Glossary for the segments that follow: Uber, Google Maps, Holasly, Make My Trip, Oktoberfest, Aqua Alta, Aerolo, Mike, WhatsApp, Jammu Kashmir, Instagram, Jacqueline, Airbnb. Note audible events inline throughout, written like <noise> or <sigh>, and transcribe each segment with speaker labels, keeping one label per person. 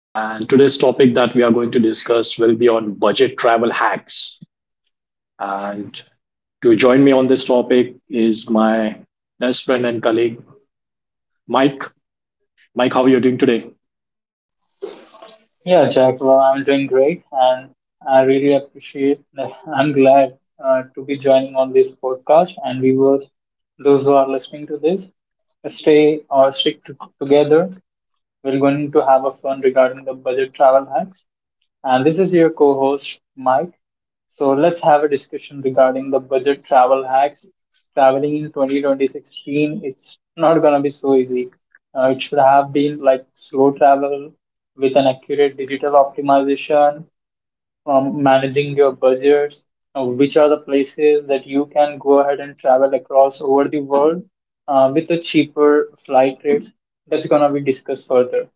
Speaker 1: And today's topic that we are going to discuss will be on budget travel hacks. And to join me on this topic is my best friend and colleague, Mike. Mike, how are you doing today?
Speaker 2: Yeah, Jacqueline, I'm doing great, and I really appreciate. <laughs> I'm glad to be joining on this podcast, and viewers, those who are listening to this, stay or stick to, together. We're going to have a fun regarding the budget travel hacks. And this is your co host, Mike. So let's have a discussion regarding the budget travel hacks. Traveling in twenty twenty sixteen, it's not going to be so easy. It should have been like slow travel with an accurate digital optimization, managing your budgets, which are the places that you can go ahead and travel across over the world with the cheaper flight rates. That's going to be discussed further.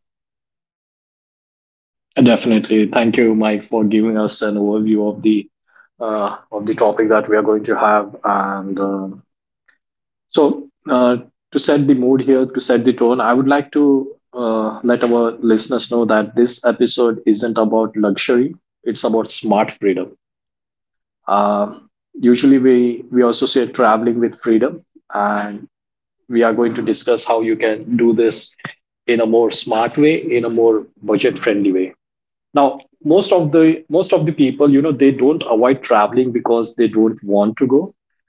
Speaker 1: Definitely. Thank you, Mike, for giving us an overview of the topic that we are going to have. So, uh, to set the mood here, to set the tone, I would like to let our listeners know that this episode isn't about luxury; it's about smart freedom. Uh, usually, we associate traveling with freedom, and we are going to discuss how you can do this in a more smart way, in a more budget friendly way. Now, most of the people, you know, they don't avoid traveling because they don't want to go.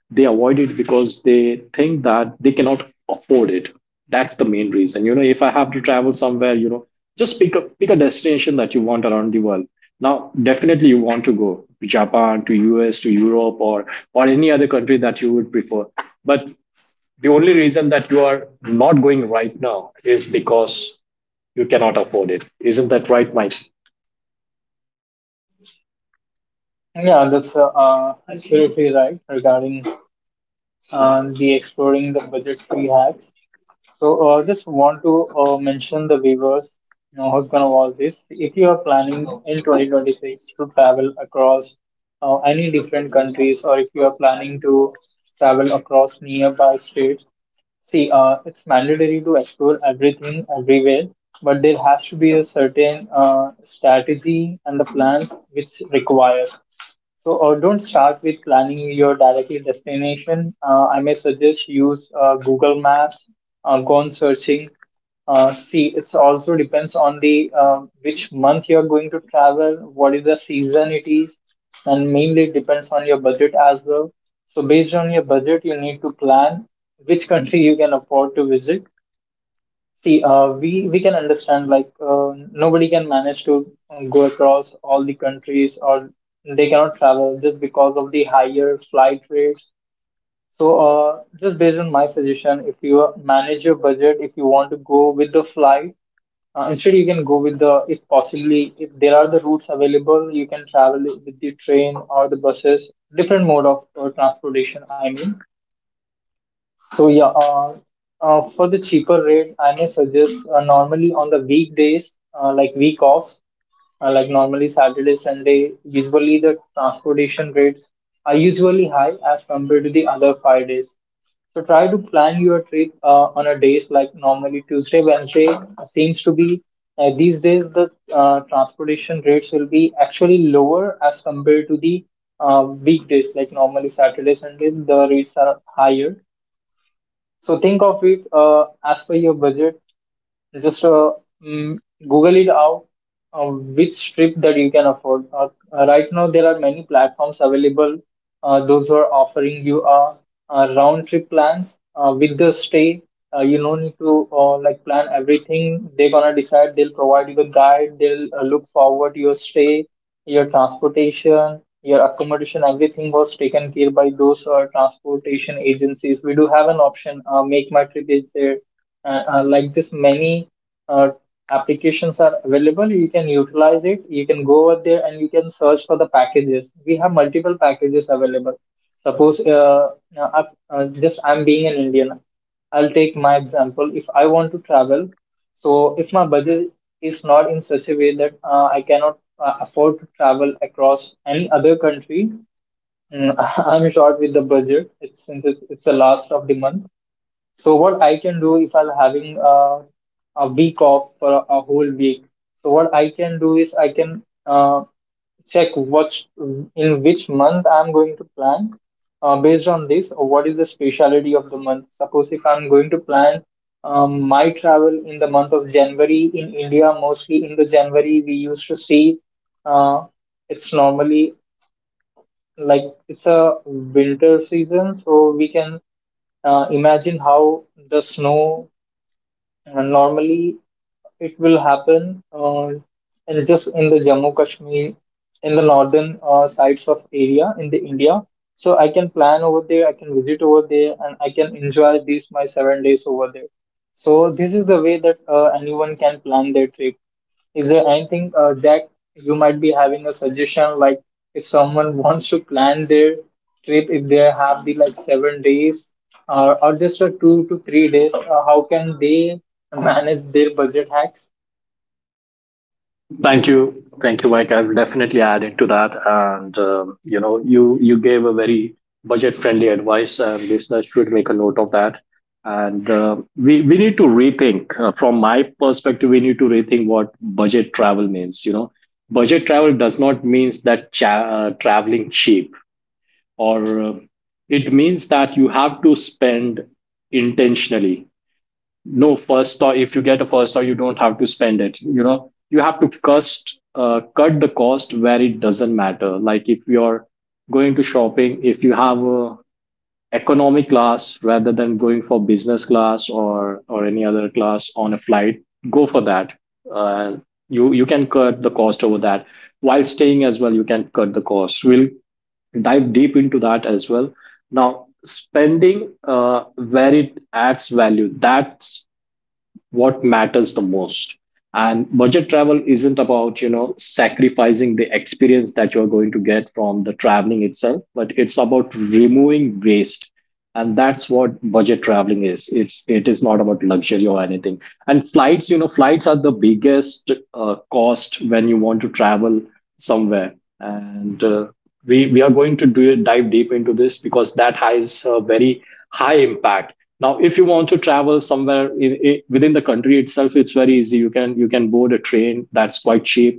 Speaker 1: They avoid it because they think that they cannot afford it. That's the main reason. You know, if I have to travel somewhere, you know, just pick a destination that you want around the world. Now definitely you want to go to Japan, to US, to Europe, or any other country that you would prefer. But the only reason that you are not going right now is because you cannot afford it. Isn't that right, Mike?
Speaker 2: Yeah, that's absolutely right regarding the exploring the budget free hacks. So, just want to mention the viewers, you know, who's going to watch this. If you are planning in 2026 to travel across any different countries, or if you are planning to travel across nearby states, see, it's mandatory to explore everything everywhere, but there has to be a certain strategy and the plans which requires. So, don't start with planning your directly destination. I may suggest use Google Maps, go on searching. See, it's also depends on the which month you're going to travel, what is the season it is, and mainly it depends on your budget as well. So, based on your budget, you need to plan which <laughs> country you can afford to visit. See, we can understand like nobody can manage to go across all the countries, or they cannot travel just because of the higher flight rates. So, just based on my suggestion, if you manage your budget, if you want to go with the flight, instead you can go with the, if possibly if there are the routes available, you can travel with the train or the buses, different mode of transportation. I mean, so yeah, for the cheaper rate, I may suggest normally on the weekdays, like week offs, like normally Saturday, Sunday. Usually the transportation rates are usually high as compared to the other five days. So try to plan your trip on a days like normally Tuesday, Wednesday seems to be these days the transportation rates will be actually lower as compared to the weekdays like normally Saturday, Sunday the rates are higher. So think of it as per your budget. Just uh, mm, Google it out, which strip that you can afford. Right now, there are many platforms available. Those who are offering you round trip plans with the stay. You don't need to like plan everything. They're gonna decide. They'll provide you the guide. They'll look forward to your stay, your transportation, your accommodation. Everything was taken care by those transportation agencies. We do have an option. Make My Trip is there. Like this many uh, applications are available. You can utilize it, you can go over there, and you can search for the packages. We have multiple packages available. Suppose just I'm being an Indian, I'll take my example. If I want to travel, so if my budget is not in such a way that I cannot afford to travel across any other country, mm, <laughs> I'm short with the budget. Since it's the last of the month. So what I can do, if I'm having a week off for a whole week. So what I can do is I can check what's in which month I'm going to plan. Based on this, what is the speciality of the month? Suppose if I'm going to plan my travel in the month of January in India, mostly in the January we used to see uh, it's normally like it's a winter season, so we can imagine how the snow normally it will happen, and just in the Jammu Kashmir in the northern sides of area in the India. So I can plan over there, I can visit over there, and I can enjoy these my 7 days over there. So this is the way that anyone can plan their trip. Is there anything, Jack, you might be having a suggestion like if someone wants to plan their trip, if they have the like 7 days or just a 2 to 3 days, how can they manage their budget hacks?
Speaker 1: Thank you. Thank you, Mike. I'll definitely add into that. And, you know, you gave a very budget friendly advice, and listeners should make a note of that. We need to rethink, from my perspective, we need to rethink what budget travel means. You know, budget travel does not means that traveling cheap, or it means that you have to spend intentionally. No, first, or if you get a first, or you don't have to spend it, you know, you have to cost cut the cost where it doesn't matter. Like if you're going to shopping, if you have a economy class rather than going for business class or any other class on a flight, go for that. Uh, you can cut the cost over that. While staying as well, you can cut the cost. We'll dive deep into that as well. Now spending where it adds value, that's what matters the most. And budget travel isn't about, you know, sacrificing the experience that you're going to get from the traveling itself, but it's about removing waste. And that's what budget traveling is. It's it is not about luxury or anything. And flights, you know, flights are the biggest cost when you want to travel somewhere. And we are going to do dive deep into this because that has a very high impact. Now if you want to travel somewhere in, I within the country itself, it's very easy. You can board a train. That's quite cheap,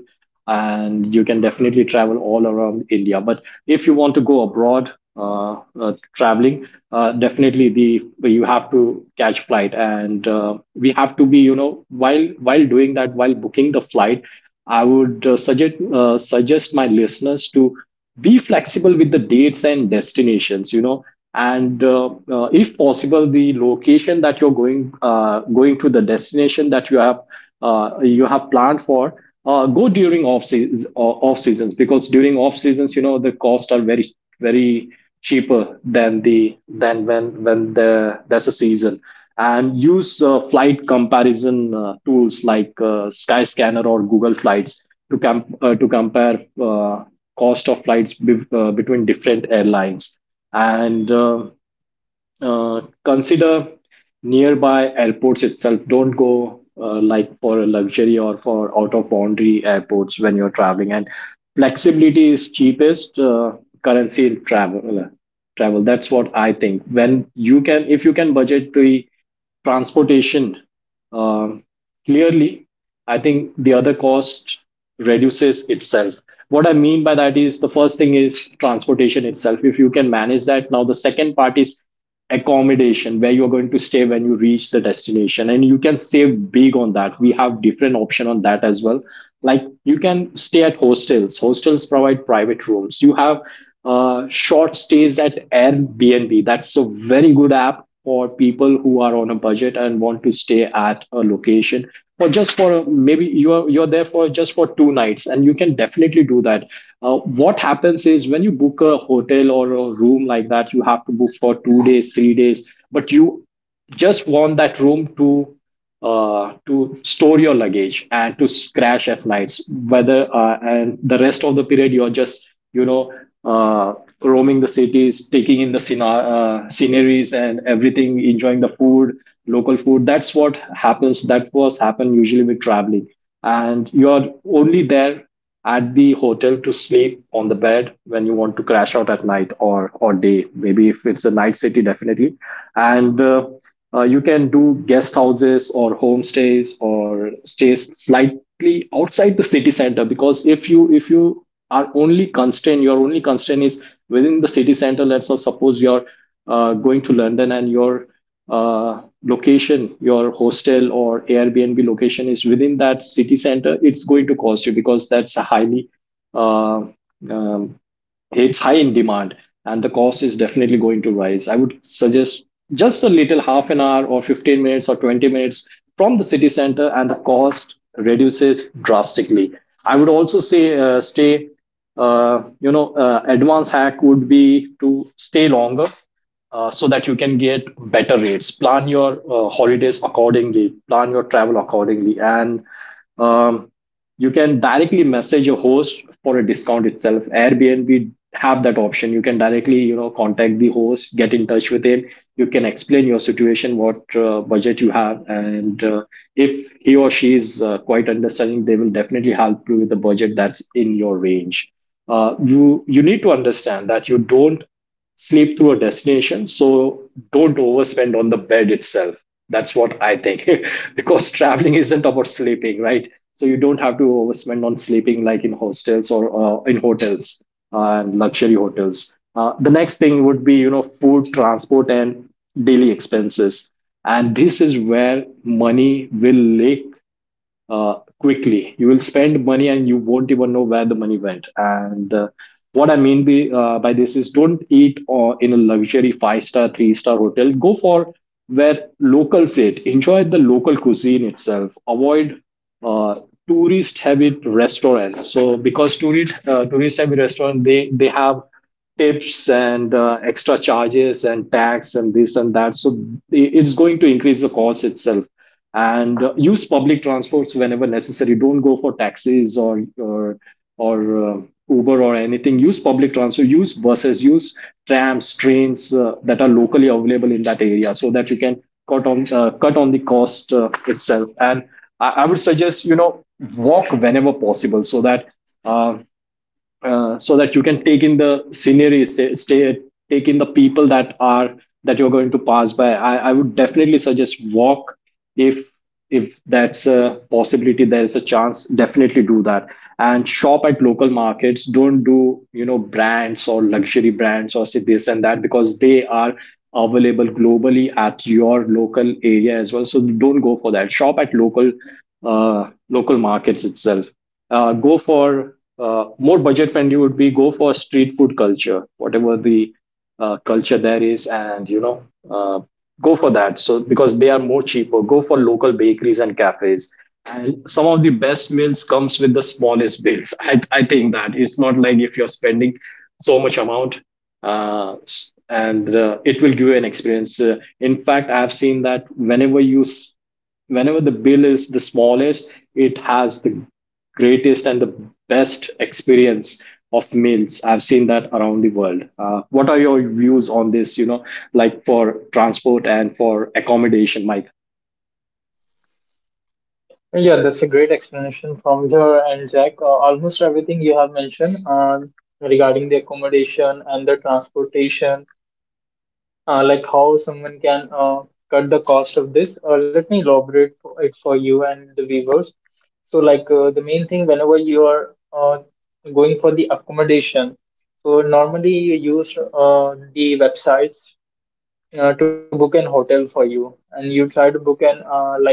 Speaker 1: and you can definitely travel all around India. But if you want to go abroad, traveling, definitely the you have to catch flight, and we have to be, you know, while doing that, while booking the flight, I would suggest my listeners to be flexible with the dates and destinations. You know. And If possible, the location that you're going to, the destination that you have planned for, go during off seasons. Off seasons, because during off seasons, you know, the costs are very very cheaper than the than when the there's a season. And use flight comparison tools like Skyscanner or Google Flights to to compare cost of flights between different airlines. And Consider nearby airports itself. Don't go like for a luxury or for out of boundary airports when you're traveling. And flexibility is cheapest currency in travel. Travel. That's what I think. When you can, if you can budget the transportation. um Clearly, I think the other cost reduces itself. What I mean by that is the first thing is transportation itself. If you can manage that, now the second part is accommodation, where you're going to stay when you reach the destination, and you can save big on that. We have different option on that as well. Like you can stay at hostels. Hostels provide private rooms. You have short stays at Airbnb. That's a very good app for people who are on a budget and want to stay at a location, or just for a, maybe you're there for just for two nights, and you can definitely do that. What happens is when you book a hotel or a room like that, you have to book for 2 days, 3 days, but you just want that room to store your luggage and to crash at nights, whether and the rest of the period you are just, you know, uh, roaming the cities, taking in the sceneries and everything, enjoying the food, local food. That's what happens. That was happen usually with traveling, and you are only there at the hotel to sleep on the bed when you want to crash out at night, or day, maybe if it's a night city, definitely. And you can do guest houses or homestays or stays slightly outside the city center, because if you are only constrained, your only constraint is within the city center. Let's say, suppose you're going to London, and you're location, your hostel or Airbnb location is within that city center, it's going to cost you because that's a highly uh, um, it's high in demand, and the cost is definitely going to rise. I would suggest just a little half an hour or 15 minutes or 20 minutes from the city center, and the cost reduces drastically. I would also say stay, you know, advanced hack would be to stay longer, so that you can get better rates. Plan your holidays accordingly, plan your travel accordingly, and um, you can directly message your host for a discount itself. Airbnb have that option. You can directly, you know, contact the host, get in touch with him, you can explain your situation, what budget you have, and if he or she is quite understanding, they will definitely help you with the budget that's in your range. You you need to understand that you don't sleep through a destination. So don't overspend on the bed itself. That's what I think. <laughs> Because traveling isn't about sleeping, right? So you don't have to overspend on sleeping like in hostels or in hotels and luxury hotels. The next thing would be, you know, food, transport, and daily expenses. And this is where money will leak uh, quickly. You will spend money and you won't even know where the money went. And What I mean by this is don't eat in a luxury five star, three-star hotel. Go for where locals eat. Enjoy the local cuisine itself. Avoid uh, tourist heavy restaurants. So because tourist heavy restaurant, they have tips and extra charges and tax and this and that. So it's going to increase the cost itself. And use public transports whenever necessary. Don't go for taxis or or uh, Uber or anything. Use public transport. Use buses. Use trams, trains that are locally available in that area, so that you can cut on the cost itself. And I would suggest, you know, walk whenever possible, so that. Uh, so that you can take in the scenery, say, stay, take in the people that you're going to pass by. I would definitely suggest walk if that's a possibility, there is a chance. Definitely do that, and shop at local markets. Don't do, you know, brands or luxury brands or say this and that, because they are available globally at your local area as well. So don't go for that. Shop at local markets itself. Go for More budget friendly would be go for street food culture, whatever the culture there is. And you know, uh, go for that, so because they are more cheaper. Go for local bakeries and cafes, and some of the best meals comes with the smallest bills. I think that it's not like if you're spending so much amount s- and it will give you an experience. In fact, I've seen that whenever the bill is the smallest, it has the greatest and the best experience of meals. I've seen that around the world. What are your views on this? You know, like for transport and for accommodation, Mike.
Speaker 2: Yeah, that's a great explanation from your end, Jack. Almost everything you have mentioned regarding the accommodation and the transportation, like how someone can cut the cost of this. Let me elaborate for it for you and the viewers. So, the main thing, whenever you are going for the accommodation, so normally you use the websites to book an hotel for you, and you try to book an uh, like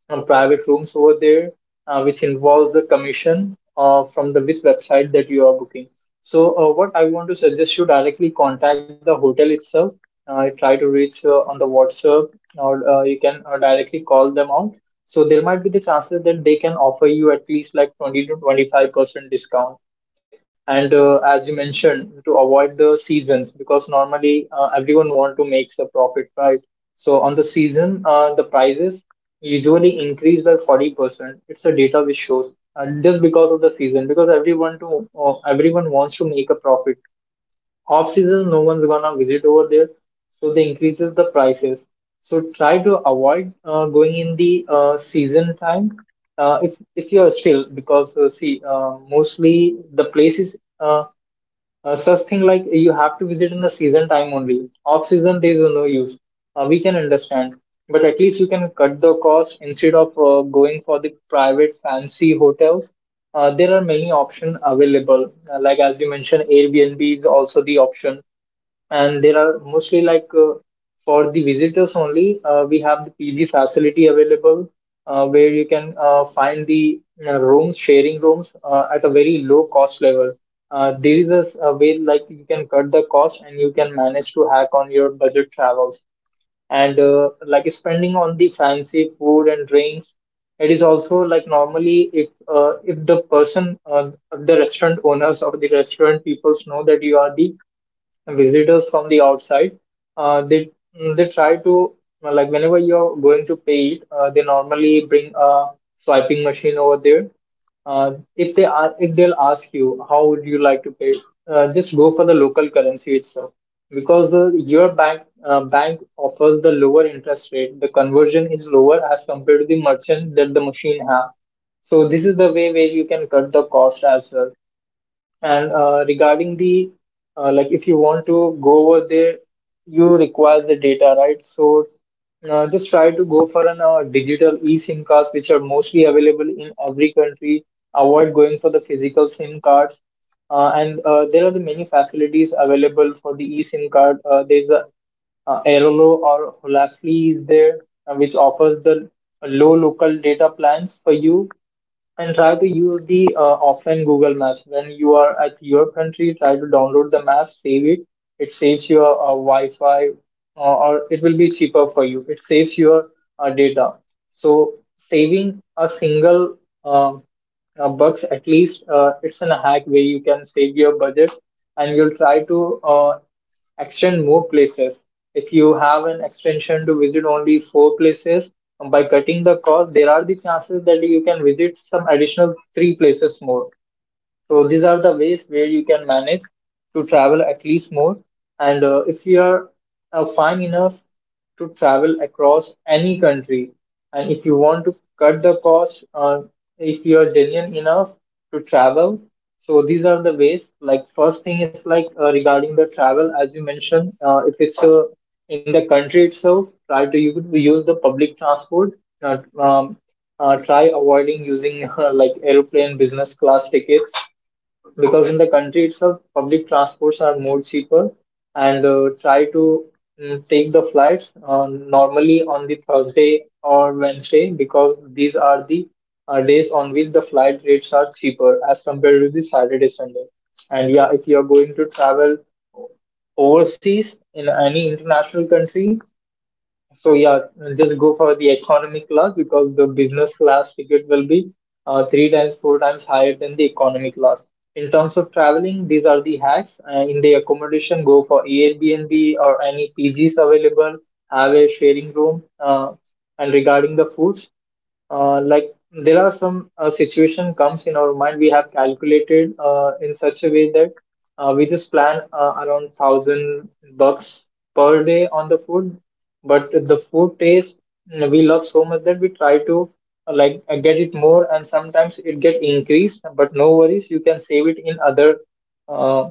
Speaker 2: uh, private rooms over there, which involves the commission from the which website that you are booking. So, what I want to suggest, you directly contact the hotel itself. Try to reach on the WhatsApp, or you can directly call them out. So there might be the chances that they can offer you at least like 20 to 25% discount. And as you mentioned, to avoid the seasons, because normally everyone want to make the profit, right? So on the season the prices usually increase by 40%. It's a data which shows just because of the season, because everyone wants to make a profit. Off season, no one's gonna visit over there, so they increases the prices. So try to avoid going in the season time. If you are still, because see mostly the places. Such thing like you have to visit in the season time only. Off season, there is no use. We can understand, but at least you can cut the cost instead of going for the private fancy hotels. There are many options available. Like as you mentioned, Airbnb is also the option, and there are mostly like for the visitors only, we have the PG facility available where you can find the rooms, sharing rooms at a very low cost level. There is a, a way like you can cut the cost and you can manage to hack on your budget travels. And like spending on the fancy food and drinks, it is also like normally if the person, the restaurant owners or the restaurant peoples know that you are the visitors from the outside. Uh, they they try to, like whenever you're going to pay it, they normally bring a swiping machine over there. If they'll ask you how would you like to pay, just go for the local currency itself, because your bank offers the lower interest rate. The conversion is lower as compared to the merchant that the machine have. So this is the way where you can cut the cost as well. And regarding the like, if you want to go over there, you require the data, right? So just try to go for an digital eSIM cards, which are mostly available in every country. Avoid going for the physical SIM cards. And there are the many facilities available for the eSIM card. There's a Aerolo or Holasly is there, which offers the low local data plans for you. And try to use the offline Google Maps. When you are at your country, try to download the map, save it. It saves your Wi-Fi, or it will be cheaper for you. It saves your data. So saving a single um, bucks at least, it's in a hack way you can save your budget, and you'll try to. Extend more places. If you have an extension to visit only 4 places, by cutting the cost, there are the chances that you can visit some additional 3 places more. So these are the ways where you can manage to travel at least more. And if you are fine enough to travel across any country, and if you want to cut the cost, if you are genuine enough to travel, so these are the ways. Like first thing is like regarding the travel, as you mentioned, if it's in the country itself, try to use the public transport. Not, try avoiding using <laughs> like airplane business class tickets because in the country itself, public transports are more cheaper and try to take the flights normally on the Thursday or Wednesday because these are the days on which the flight rates are cheaper as compared to the Saturday, Sunday. And yeah, if you are going to travel overseas in any international country, so yeah, just go for the economy class because the business class ticket will be three times, four times higher than the economy class. In terms of traveling, these are the hacks. In the accommodation, go for Airbnb or any PGs available. Have a sharing room. And regarding the foods, uh, like there are some situation comes in our mind. We have calculated in such a way that we just plan around 1,000 bucks per day on the food, but the food taste, we love so much that we try to get it more, and sometimes it get increased. But no worries, you can save it in other uh,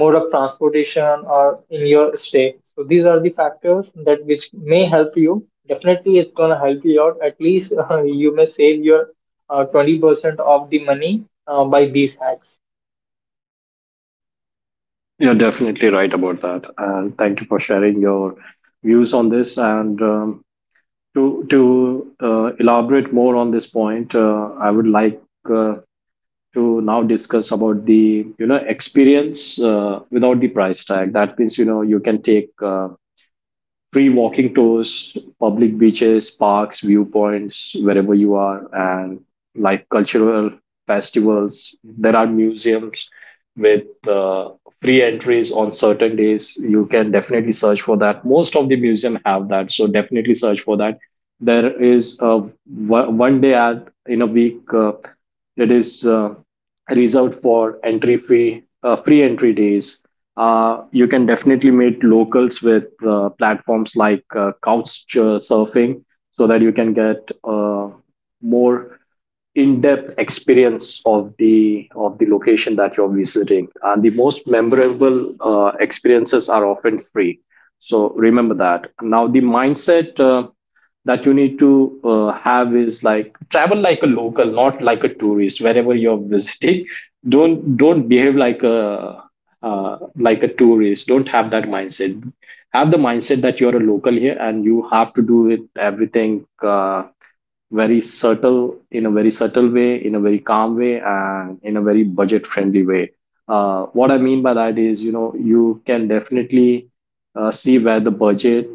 Speaker 2: mode of transportation or in your stay. So these are the factors that which may help you. Definitely it's going to help you out. At least <laughs> you may save your 20% of the money by these hacks.
Speaker 1: You're definitely right about that, and thank you for sharing your views on this. And to elaborate more on this point, I would like uh, to now discuss about the experience without the price tag. That means you know you can take free walking tours, public beaches, parks, viewpoints, wherever you are, and like cultural festivals. There are museums with free entries on certain days. You can definitely search for that. Most of the museum have that, so definitely search for that. There is one day ad in a week, that is reserved for entry free, free entry days. You can definitely meet locals with platforms like couch surfing, so that you can get more in-depth experience of the location that you're visiting. And the most memorable experiences are often free, so remember that. Now the mindset that you need to have is like travel like a local, not like a tourist wherever you're <laughs> visiting. Don't behave like a tourist. Don't have that mindset. Have the mindset that you're a local here and you have to do it everything very subtle, in a very subtle way, in a very calm way, and in a very budget friendly way. What I mean by that is, you know, you can definitely see where the budget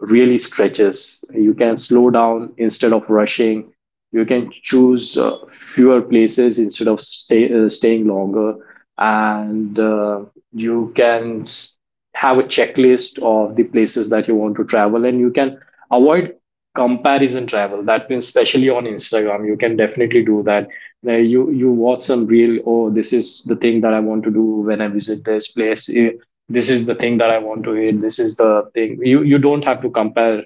Speaker 1: really stretches. You can slow down instead of rushing. You can choose fewer places instead of staying longer. And you can have a checklist of the places that you want to travel, and you can avoid comparison travel. That means especially on instagram you can definitely do that, where you watch some reel. Oh, this is the thing that I want to do when I visit this place. This is the thing that I want to eat. This is the thing. You don't have to compare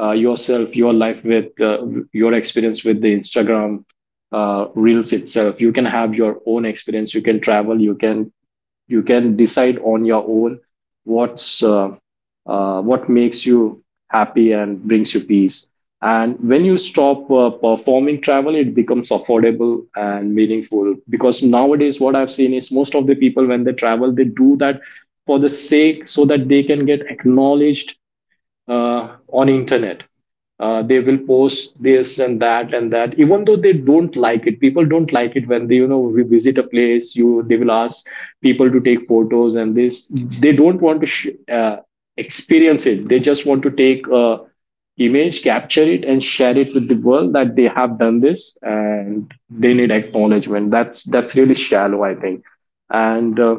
Speaker 1: yourself, your life, with your experience with the instagram reels itself. You can have your own experience. You can travel. You can decide on your own what's what makes you happy and brings you peace. And when you stop performing travel, it becomes affordable and meaningful, because nowadays what I've seen is most of the people when they travel, they do that for the sake, so that they can get acknowledged on internet. They will post this and that even though they don't like it. People don't like it. When they, you know, we visit a place, you, they will ask people to take photos and this. They don't want to experience it. They just want to take a image, capture it, and share it with the world that they have done this, and they need acknowledgement. That's really shallow, I think. And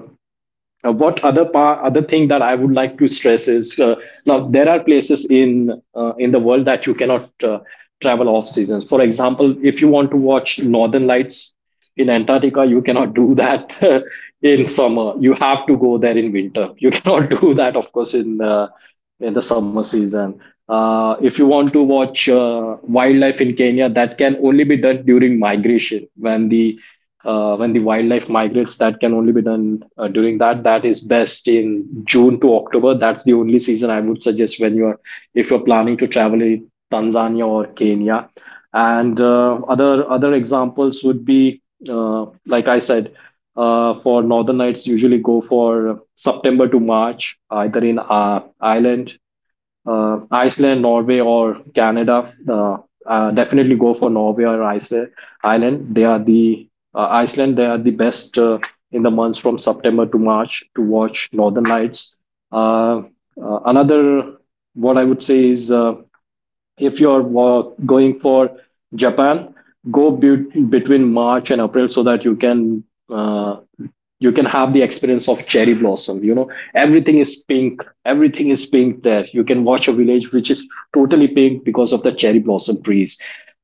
Speaker 1: now, what other other thing that I would like to stress is, now there are places in the world that you cannot travel off seasons. For example, if you want to watch northern lights in Antarctica, you cannot do that <laughs> in summer. You have to go there in winter. You <laughs> cannot do that, of course, in the summer season. If you want to watch wildlife in Kenya, that can only be done during migration. When the wildlife migrates, that can only be done during that. That is best in June to October. That's the only season I would suggest when you are, if you're planning to travel in Tanzania or Kenya. And other examples would be, like I said, for Northern Lights, usually go for September to March, either in Ireland, Iceland, Norway, or Canada. Definitely go for Norway or Iceland. Ireland. They are the Iceland. They are the best in the months from September to March to watch Northern Lights. Uh, another, what I would say is, if you're going for Japan, go between March and April so that you can. You can have the experience of cherry blossom. You know, everything is pink. Everything is pink there. You can watch a village which is totally pink because of the cherry blossom trees.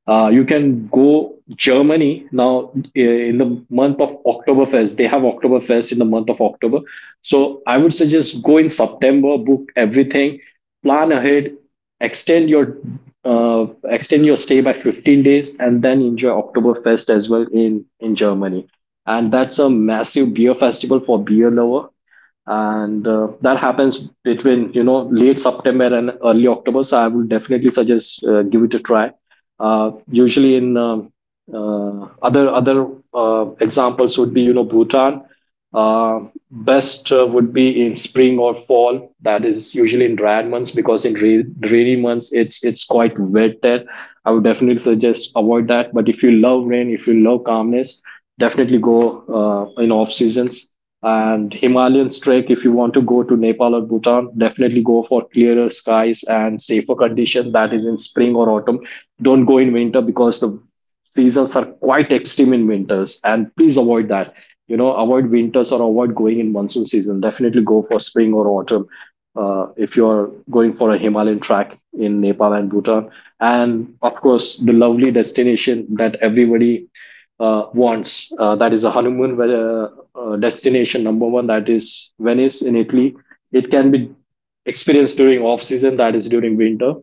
Speaker 1: You can go germany now. In the month of oktoberfest, they have oktoberfest in the month of october. So I would suggest go in september, book everything, plan ahead, extend your extend your stay by 15 days, and then enjoy Oktoberfest as well in Germany. And that's a massive beer festival for beer lover, and that happens between, you know, late september and early october. So I would definitely suggest, give it a try. Usually in other examples would be, you know, bhutan. uh, Best would be in spring or fall. That is usually in dry months, because in rainy months it's quite wet there. I would definitely suggest avoid that. But if you love rain, if you love calmness, definitely go in off seasons. And Himalayan trek, if you want to go to Nepal or Bhutan, definitely go for clearer skies and safer condition. That is in spring or autumn. Don't go in winter, because the seasons are quite extreme in winters, and please avoid that. You know, avoid winters or avoid going in monsoon season. Definitely go for spring or autumn if you're going for a Himalayan track in Nepal and Bhutan. And of course, the lovely destination that everybody wants. That is a honeymoon where, destination number one. That is Venice in Italy. It can be experienced during off season. That is during winter,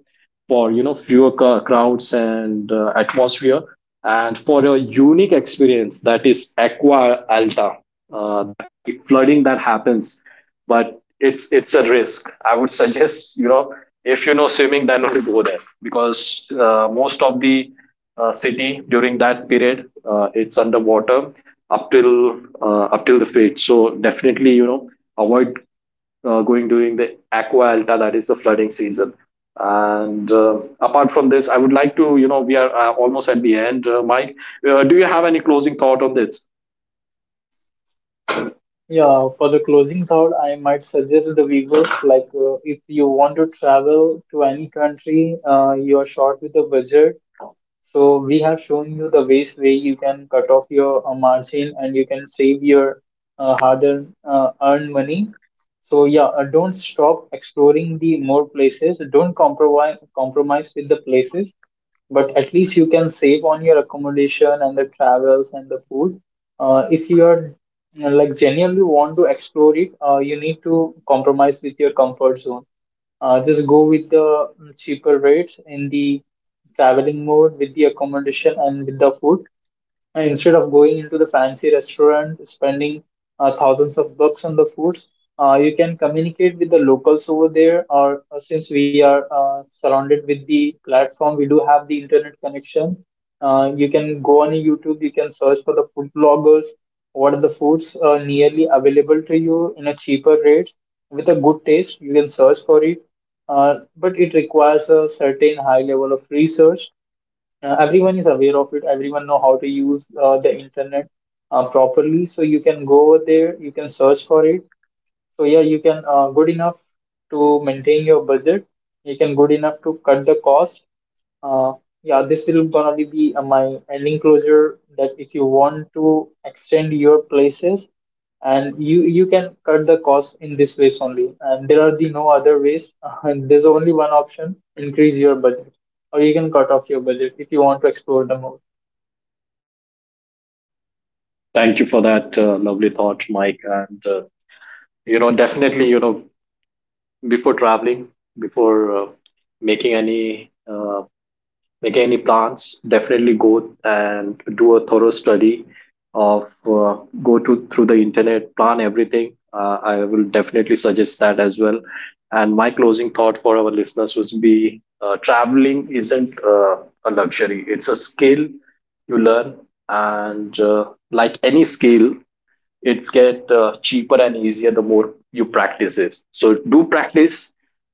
Speaker 1: for you know fewer crowds and atmosphere, and for a unique experience that is Aqua Alta. Uh, the flooding that happens, but it's a risk. I would <laughs> suggest, you know, if you know swimming, then only go there, because most of the city during that period. It's underwater up till the fate. So definitely, you know, avoid going during the aqua alta, that is the flooding season. And apart from this, I would like to, you know, we are almost at the end, Mike. Do you have any closing thought on this?
Speaker 2: Yeah, for the closing thought, I might suggest the viewers, like if you want to travel to any country, you are short with a budget. So we have shown you the ways way you can cut off your margin, and you can save your hard-earned earned money. So yeah, don't stop exploring the more places. Don't compromise with the places, but at least you can save on your accommodation and the travels and the food. If you are, you know, like genuinely want to explore it, you need to compromise with your comfort zone. Just go with the cheaper rates in the traveling mode, with the accommodation and with the food. And instead of going into the fancy restaurant, spending thousands of bucks on the foods, you can communicate with the locals over there. Or since we are surrounded with the platform, we do have the internet connection. You can go on YouTube, you can search for the food bloggers, what are the foods nearly available to you in a cheaper rate with a good taste. You can search for it, but it requires a certain high level of research. Everyone is aware of it. Everyone know how to use the internet properly, so you can go over there, you can search for it. So yeah, you can good enough to maintain your budget. You can good enough to cut the cost. uh, yeah, this will gonna be the, my ending closure, that if you want to extend your places, and you can cut the cost in this ways only, and there are the no other ways <laughs> and there's only one option: increase your budget, or you can cut off your budget if you want to explore the more
Speaker 1: Thank you for that lovely thought, Mike. And you know, definitely, you know, before traveling, before making any make any plans, definitely go and do a thorough study of go to through the internet, plan everything. I will definitely suggest that as well. And my closing thought for our listeners would be: traveling isn't a luxury; it's a skill you learn, and like any skill, it's get cheaper and easier the more you practice it. So do practice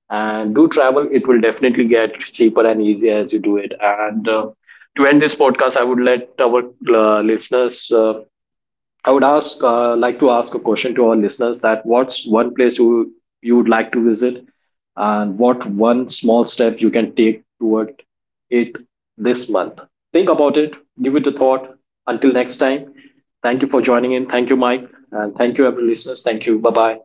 Speaker 1: and do travel. It will definitely get cheaper and easier as you do it. And to end this podcast, I would let our listeners, I would ask, like to ask a question to our listeners, that what's one place you would like to visit, and what one small step you can take toward it this month. Think about it. Give it a thought. Until next time, thank you for joining in. Thank you, Mike, and thank you, every listeners. Thank you. Bye bye.